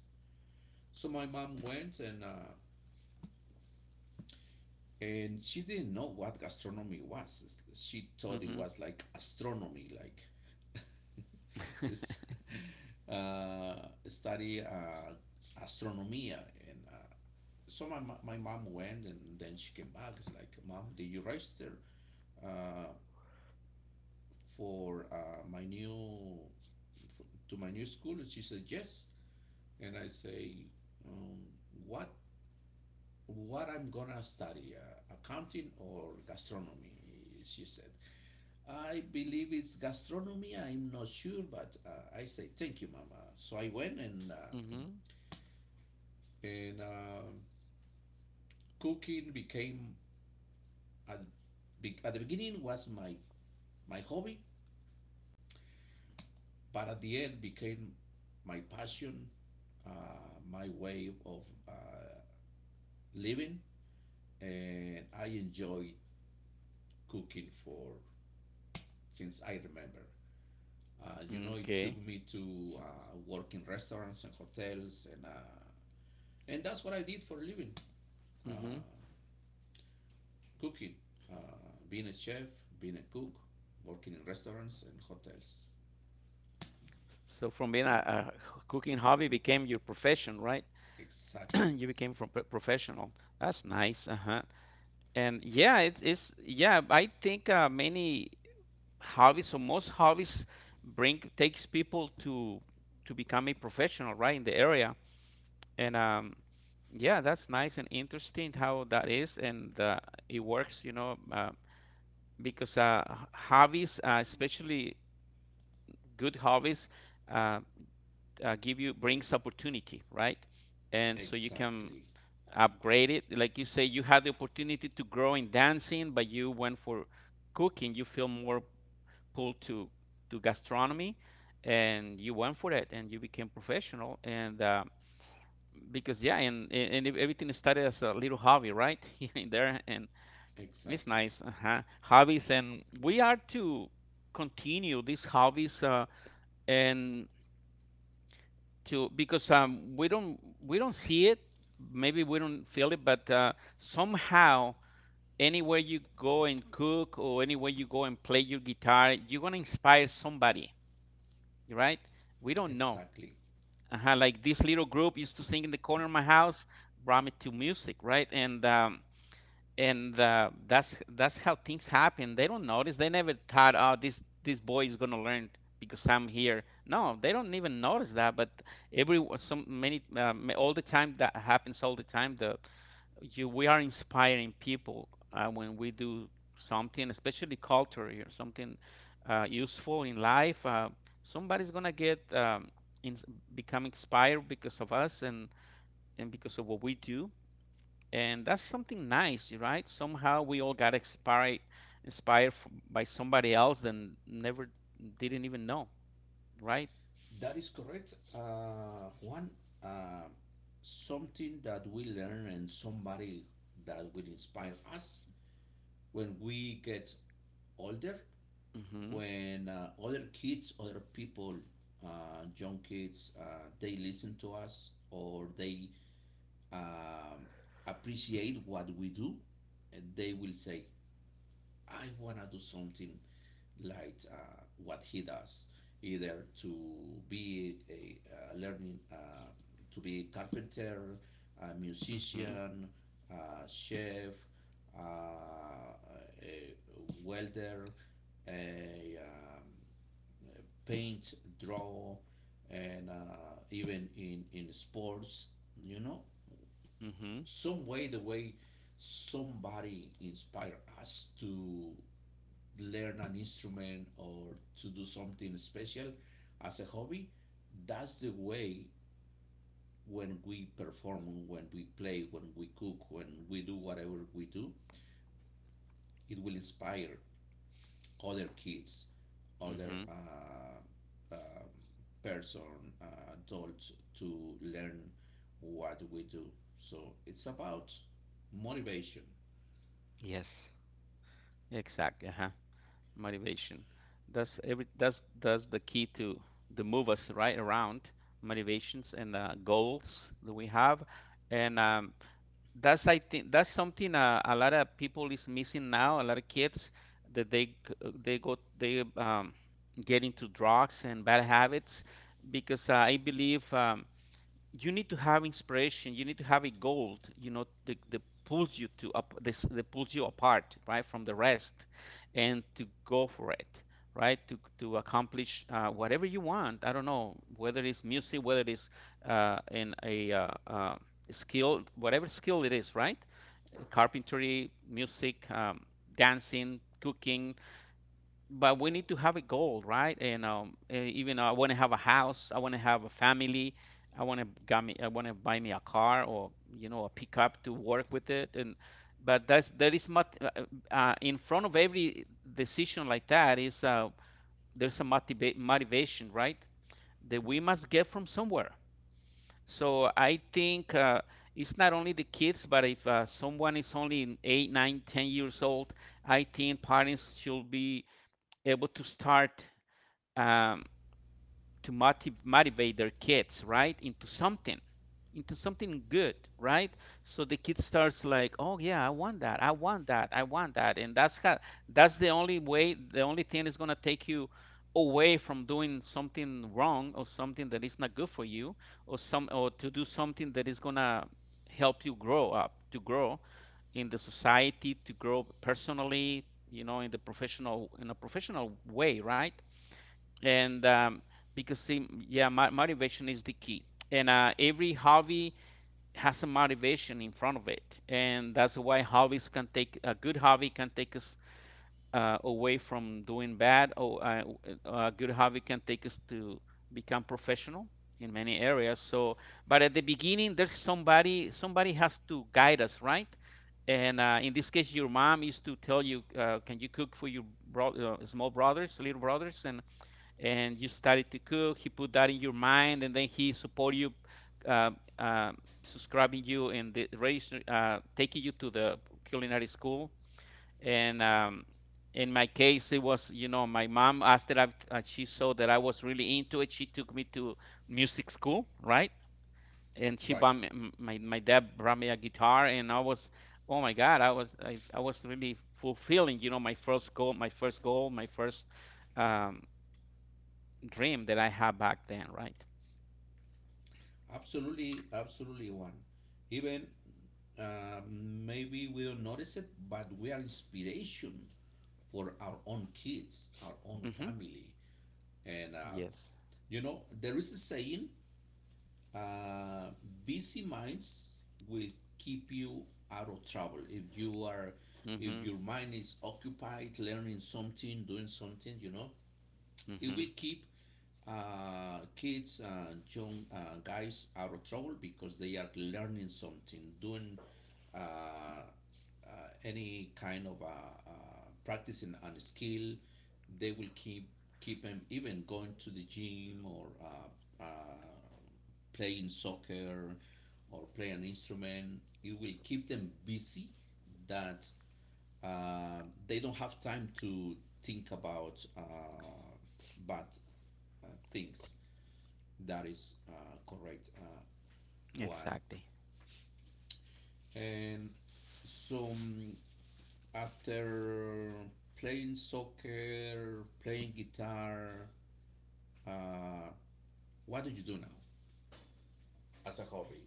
So my mom went, and uh, and she didn't know what gastronomy was. She thought it Hmm. was like astronomy, like it's *laughs* uh, study uh, astronomia. And uh, so my, mo- my mom went, and then she came back. It's like, mom, did you register uh, for uh, my new f- to my new school? And she said yes. And I say, um, what what I'm gonna study, uh, accounting or gastronomy? She said, I believe it's gastronomy, I'm not sure. But uh, I say, thank you, mama. So I went, and, uh, Hmm. and uh, cooking became, at, be- at the beginning was my, my hobby, but at the end became my passion, uh, my way of uh, living, and I enjoyed cooking for since I remember. Uh, you *laughs* know, it Okay. took me to uh, work in restaurants and hotels, and uh, and that's what I did for a living: uh, Hmm. cooking, uh, being a chef, being a cook, working in restaurants and hotels. So from being a, a cooking hobby became your profession, right? *clears throat* Exactly, You became from pro- professional. That's nice. Uh-huh. And yeah, it's, it's yeah, I think uh, many hobbies, or most hobbies, bring takes people to to become a professional, right, in the area. And um, yeah, that's nice and interesting how that is. And uh, it works, you know, uh, because uh, h- hobbies, uh, especially good hobbies, uh, uh, give you brings opportunity, right? And so you can exactly, upgrade it. Like you say, you had the opportunity to grow in dancing, but you went for cooking. You feel more pulled to to gastronomy, and you went for it, and you became professional. And uh, because yeah, and and everything started as a little hobby, right? *laughs* Here and there, and it's exactly, nice. Uh-huh. Hobbies, and we are to continue these hobbies, uh, and to, because um, we don't we don't see it, maybe we don't feel it, but uh, somehow, anywhere you go and cook, or anywhere you go and play your guitar, you're gonna inspire somebody, right? We don't know. exactly. Uh-huh. Like this little group used to sing in the corner of my house, brought me to music, right? And um, and uh, that's that's how things happen. They don't notice. They never thought, "Oh, this this boy is gonna learn because I'm here." No, they don't even notice that. But every, some, many, uh, all the time, that happens all the time. The, you, we are inspiring people uh, when we do something, especially culture or something uh, useful in life. Uh, somebody's gonna get, um, ins become inspired because of us, and and because of what we do, and that's something nice, right? Somehow we all got inspired, inspired f by somebody else, and never didn't even know, right? That is correct, uh, Juan. Uh, Something that we learn and somebody that will inspire us when we get older Mm-hmm. when uh, other kids, other people, uh, young kids, uh, they listen to us or they um, appreciate what we do, and they will say, "I wanna do something like uh, what he does." Either to be a, a learning, uh, to be a carpenter, a Mm-hmm. musician, a chef, uh, a welder, a um, paint, draw, and uh, even in in sports, you know, Mm-hmm. some way the way somebody inspire us to learn an instrument or to do something special as a hobby. That's the way when we perform, when we play, when we cook, when we do whatever we do, it will inspire other kids other Mm-hmm. uh, uh, person, uh, adult, to learn what we do. So it's about motivation, Yes. Exactly. Uh-huh. Motivation. That's every, that's that's the key to to move us right around, motivations and uh, goals that we have. And um, that's, I think that's something, uh, a lot of people is missing now. A lot of kids that they c- they go, they um, get into drugs and bad habits, because uh, I believe um, you need to have inspiration, you need to have a goal. You know, the, the pulls you to up, this that pulls you apart, right, from the rest, and to go for it, right, to to accomplish uh, whatever you want. I don't know whether it's music, whether it's uh, in a uh, uh, skill, whatever skill it is, right? Carpentry, music, um, dancing, cooking, but we need to have a goal, right? And um, and even, I want to have a house, I want to have a family, I want to got me, I want to buy me a car, or you know, a pickup to work with it. And, but that's, there is much uh, uh, uh, in front of every decision like that is, uh, there's a motiva- motivation, right? That we must get from somewhere. So I think uh, it's not only the kids, but if uh, someone is only in eight, nine, ten years old, I think parents should be able to start, um, to motiv- motivate their kids right into something, into something good, right? So the kid starts like, "Oh yeah, I want that, I want that, I want that." And that's how, that's the only way, the only thing is going to take you away from doing something wrong or something that is not good for you, or some, or to do something that is going to help you grow up, to grow in the society, to grow personally, you know, in the professional, in a professional way, right? And um, because see, yeah, mo- motivation is the key. And uh, every hobby has a motivation in front of it, and that's why hobbies can take, a good hobby can take us uh, away from doing bad, or uh, uh, a good hobby can take us to become professional in many areas. So, but at the beginning, there's somebody, somebody has to guide us, right? And uh, in this case, your mom used to tell you, uh, "Can you cook for your bro- uh, small brothers, little brothers?" And and you started to cook. He put that in your mind, and then he support you, uh, uh, subscribing you and the register, uh, taking you to the culinary school. And um, in my case, it was, you know, my mom, after I, uh, she saw that I was really into it, she took me to music school, right? And she right? bought me, my my dad brought me a guitar, and I was, oh my God, I was I, I was really fulfilling, you know, my first goal, my first goal, my first, um, dream that I had back then, right? Absolutely, absolutely one. Even uh, maybe we don't notice it, but we are inspiration for our own kids, our own Hmm. family, and uh, Yes. you know there is a saying, uh, busy minds will keep you out of trouble if you are Hmm. if your mind is occupied learning something doing something, you know it Hmm. will keep uh, kids and young uh, guys out of trouble because they are learning something, doing uh, uh, any kind of uh, uh, practicing and skill. They will keep keep them even going to the gym or uh, uh, playing soccer or play an instrument. It will keep them busy that uh, they don't have time to think about uh, bad uh, things. That is uh, correct, uh, one. Exactly. And so mm, after playing soccer, playing guitar, uh, what do you do now as a hobby?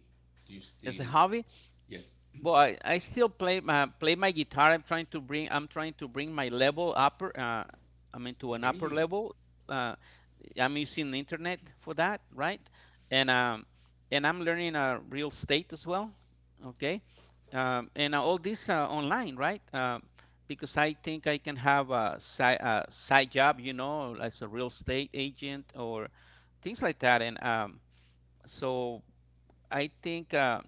Do you It's a still? hobby. Yes. Well, I, I still play my play my guitar. I'm trying to bring, I'm trying to bring my level upper, uh, I mean, to an upper Really? level. Uh, I'm using the internet for that, right? And um and I'm learning uh, real estate as well. Okay, um, and uh, all this uh, online, right? Uh, because I think I can have a side, a side job, you know, as a real estate agent or things like that. And um, so I think, uh,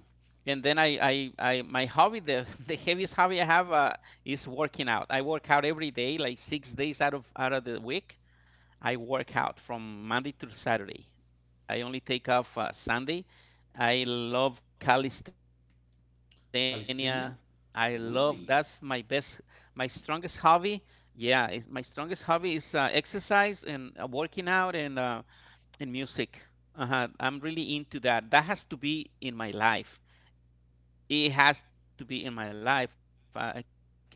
and then I, I, I, my hobby, the, *laughs* the heaviest hobby I have, uh, is working out. I work out every day, like six days out of out of the week. I work out from Monday to Saturday. I only take off uh, Sunday. I love calisthenia. I love, Calisthenia? that's my Really? best, my strongest hobby. Yeah, it's my strongest hobby is uh, exercise and uh, working out, and uh, in music. Uh-huh. I'm really into that. That has to be in my life. It has to be in my life. I, I cannot live without without it.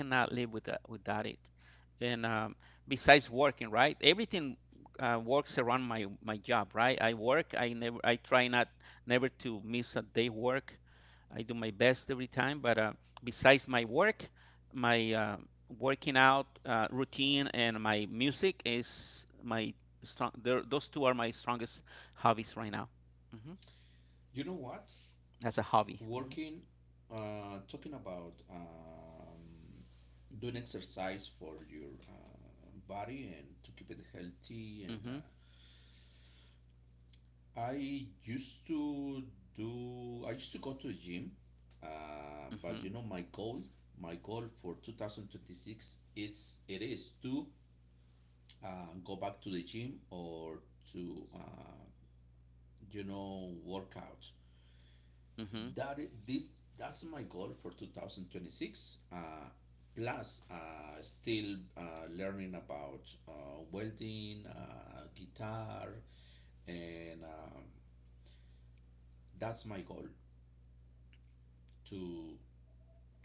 And um, besides working, right? Everything uh, works around my my job, right? I work. I never. I try not never to miss a day work. I do my best every time, but uh, besides my work, my uh, working out uh, routine and my music is my strong. Those two are my strongest hobbies right now. hmm You know what? As a hobby. hmm Working, uh, talking about um, doing exercise for your uh, body and to keep it healthy and uh, hmm I used to do, I used to go to the gym, uh, but you know my goal, hmm my goal for two thousand twenty-six is it is to uh, go back to the gym or to uh, you know work out. That I- this hmm That's my goal for two thousand twenty-six. Uh, plus, uh, still uh, learning about uh, welding, uh, guitar, and um, that's my goal to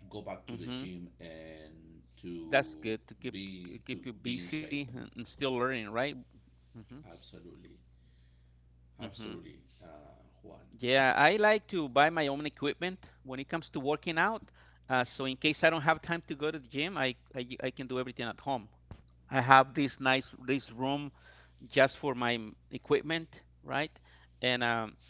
go back to the hmm gym and That's to good to keep be to keep you be in busy shape. and and still learning, right? hmm Absolutely, hmm absolutely, uh, Juan. Yeah, I like to buy my own equipment when it comes to working out. Uh, so in case I don't have time to go to the gym, I, I I can do everything at home. I have this nice this room just for my m- equipment, right? And um,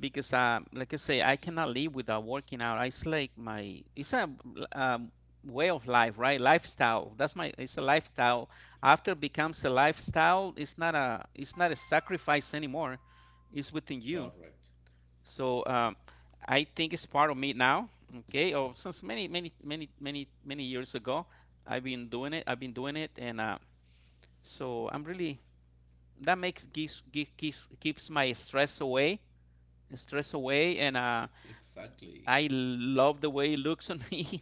because um, like I say, I cannot live without working out. It's like my it's a um, way of life, right? Lifestyle. That's my It's a lifestyle. After it becomes a lifestyle, it's not a it's not a sacrifice anymore. It's within you. Correct. So um, I think it's part of me now. Okay, or since many, many, many, many, many years ago, I've been doing it. I've been doing it, and uh, so I'm really that makes gives, gives keeps keeps my stress away, stress away, and uh, Exactly. I love the way it looks on *laughs* me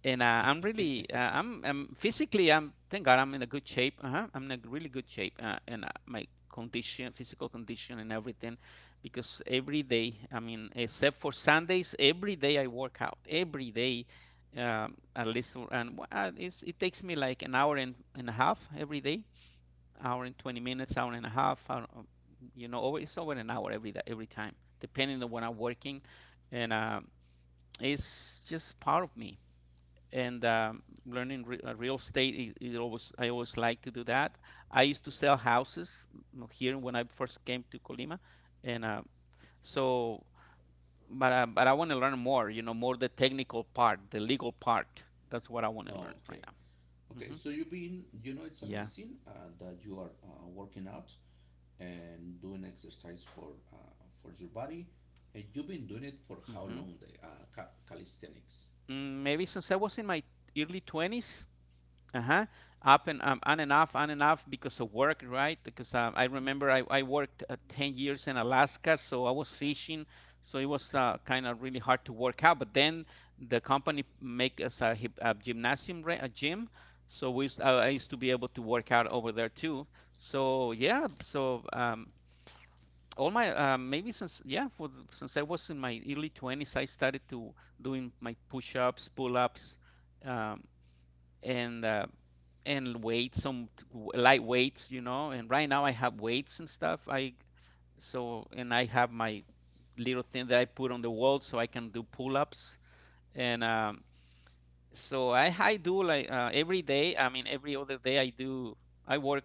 and uh, I'm *laughs* really uh, I'm, I'm physically I'm thank God I'm in a good shape. Uh-huh. I'm in a really good shape, uh, and uh, my condition, physical condition, and everything, because every day, I mean, except for Sundays, every day I work out. Every day, um, at least, and uh, it's, it takes me like an hour and, and a half every day, hour and twenty minutes, hour and a half, hour, uh, you know, over, it's over an hour every day, every time, depending on when I'm working, and um it's just part of me and um, learning re- uh, real estate is, is always I always like to do that. I used to sell houses here when I first came to Colima, and uh, so but uh, but I want to learn more, you know, more the technical part, the legal part. That's what I want to learn Okay. right now. Okay. hmm So you've been. You know, it's Yeah. amazing uh, that you are uh, working out and doing exercise for uh, for your body. And you've been doing it for how hmm long? The uh, ca- calisthenics. Mm, maybe since I was in my early twenties. Uh-huh. Up and um, on and off, on and off because of work, right? Because uh, I remember I, I worked uh, ten years in Alaska, so I was fishing, so it was uh, kind of really hard to work out. But then the company make us a, hip- a gymnasium, ra- a gym, so we used, uh, I used to be able to work out over there too. So yeah, so um, all my uh, maybe since yeah, for the- since I was in my early twenties, I started to doing my push-ups, pull-ups, um, and uh, and weights, some t- w- light weights, you know. And right now I have weights and stuff. I so and I have my little thing that I put on the wall so I can do pull-ups. And um, so I I do like uh, every day. I mean every other day I do. I work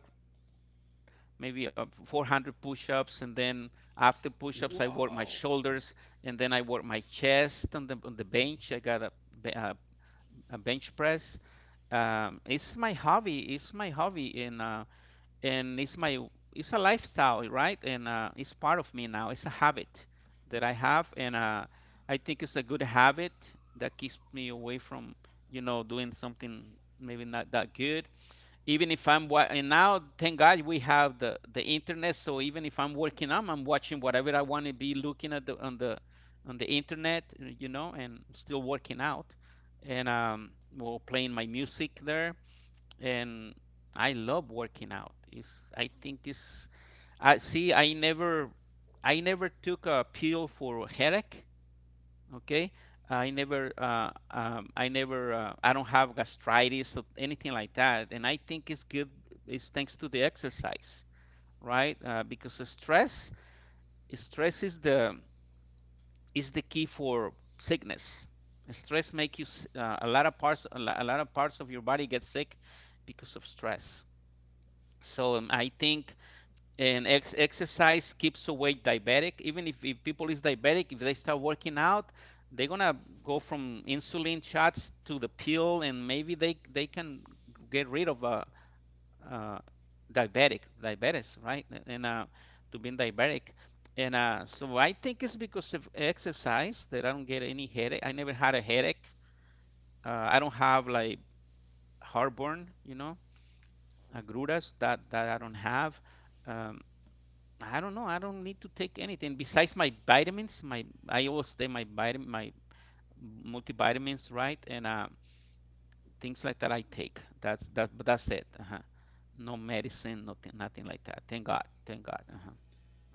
maybe uh, four hundred push-ups, and then after push-ups I work my Wow. shoulders, and then I work my chest on the on the bench. I got a, be- a, a bench press. Um, it's my hobby. It's my hobby, and uh, and it's my it's a lifestyle, right? and uh, it's part of me now. It's a habit that I have, and uh, I think it's a good habit that keeps me away from, you know, doing something maybe not that good. Even if I'm wa- and now thank God, we have the the internet, so even if I'm working out I'm watching whatever I want to be looking at the on the on the internet, you know, and still working out. And um well, playing my music there and I love working out. It's I think it's I see I never, I never took a pill for headache. Okay, I never uh, um, I never uh, I don't have gastritis or anything like that, and I think it's good. It's thanks to the exercise, right? Uh, because the stress stress is the is the key for sickness. Stress make you s- uh, a lot of parts a lo- a lot of parts of your body get sick because of stress. So um, I think an ex- exercise keeps away diabetic. Even if, if people is diabetic, if they start working out, they're gonna go from insulin shots to the pill, and maybe they they can get rid of a uh, uh, diabetic diabetes, right? And uh, to being diabetic. And uh, so I think it's because of exercise that I don't get any headache. I never had a headache. Uh, I don't have like heartburn, you know, agruras that that I don't have. Um, I don't know. I don't need to take anything besides my vitamins. My I always take my vitamin my multivitamins, right, and uh, things like that I take. That's that but That's it. Uh-huh. No medicine, nothing nothing like that. Thank God. Thank God. Uh-huh.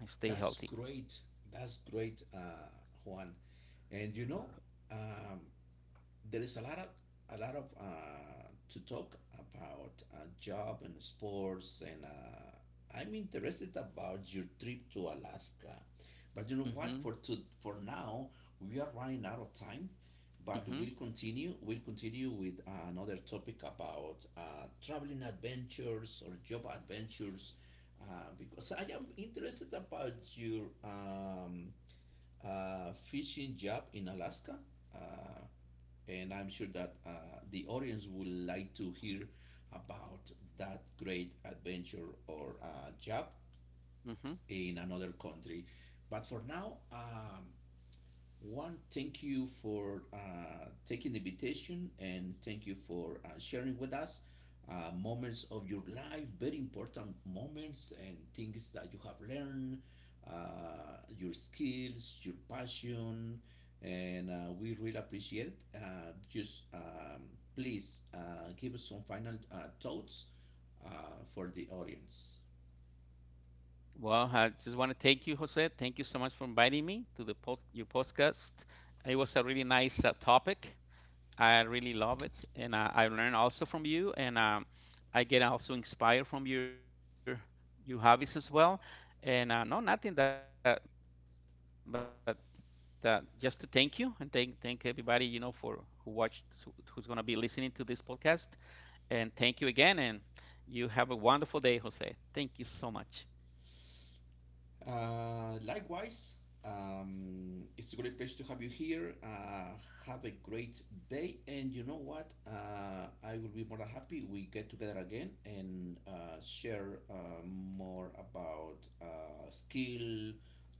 I stay That's healthy. great. That's great, uh, Juan. And you know, um, there is a lot of a lot of uh, to talk about uh, job and sports and uh, I'm interested about your trip to Alaska. But you know what? Mm-hmm. For to for now, we are running out of time. But Mm-hmm. we'll continue. We'll continue with uh, another topic about uh, traveling adventures or job adventures, uh, because I am interested about your um, uh, fishing job in Alaska. Uh, and I'm sure that uh, the audience would like to hear about that great adventure or uh, job Mm-hmm. in another country. But for now, um, one, thank you for uh, taking the invitation and thank you for uh, sharing with us uh, moments of your life, very important moments and things that you have learned, uh, your skills, your passion, and uh, we really appreciate it. Uh, just um, please uh, give us some final uh, thoughts uh, for the audience. Well, I just want to thank you, Jose. Thank you so much for inviting me to the post your podcast. It was a really nice uh, topic. I really love it, and uh, I learn also from you, and um, I get also inspired from your your hobbies as well. And uh, no, nothing that, but uh, just to thank you and thank thank everybody, you know, for who watched, who- who's gonna be listening to this podcast. And thank you again, and you have a wonderful day, Jose. Thank you so much. Uh, likewise, um, it's a great pleasure to have you here. Uh, have a great day, and you know what? Uh, I will be more than happy we get together again and uh, share uh, more about uh, skill,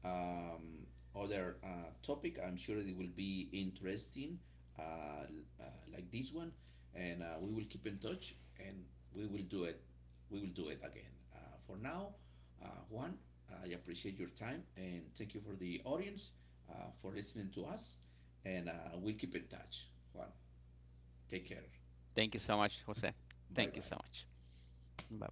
um, other uh, topic. I'm sure it will be interesting, uh, l- uh, like this one, and uh, we will keep in touch, and we will do it. We will do it again. Uh, for now, uh, Juan, I appreciate your time and thank you for the audience uh, for listening to us. And uh, we'll keep in touch. Juan, take care. Thank you so much, Jose. Thank you Bye so bye. much. Bye bye.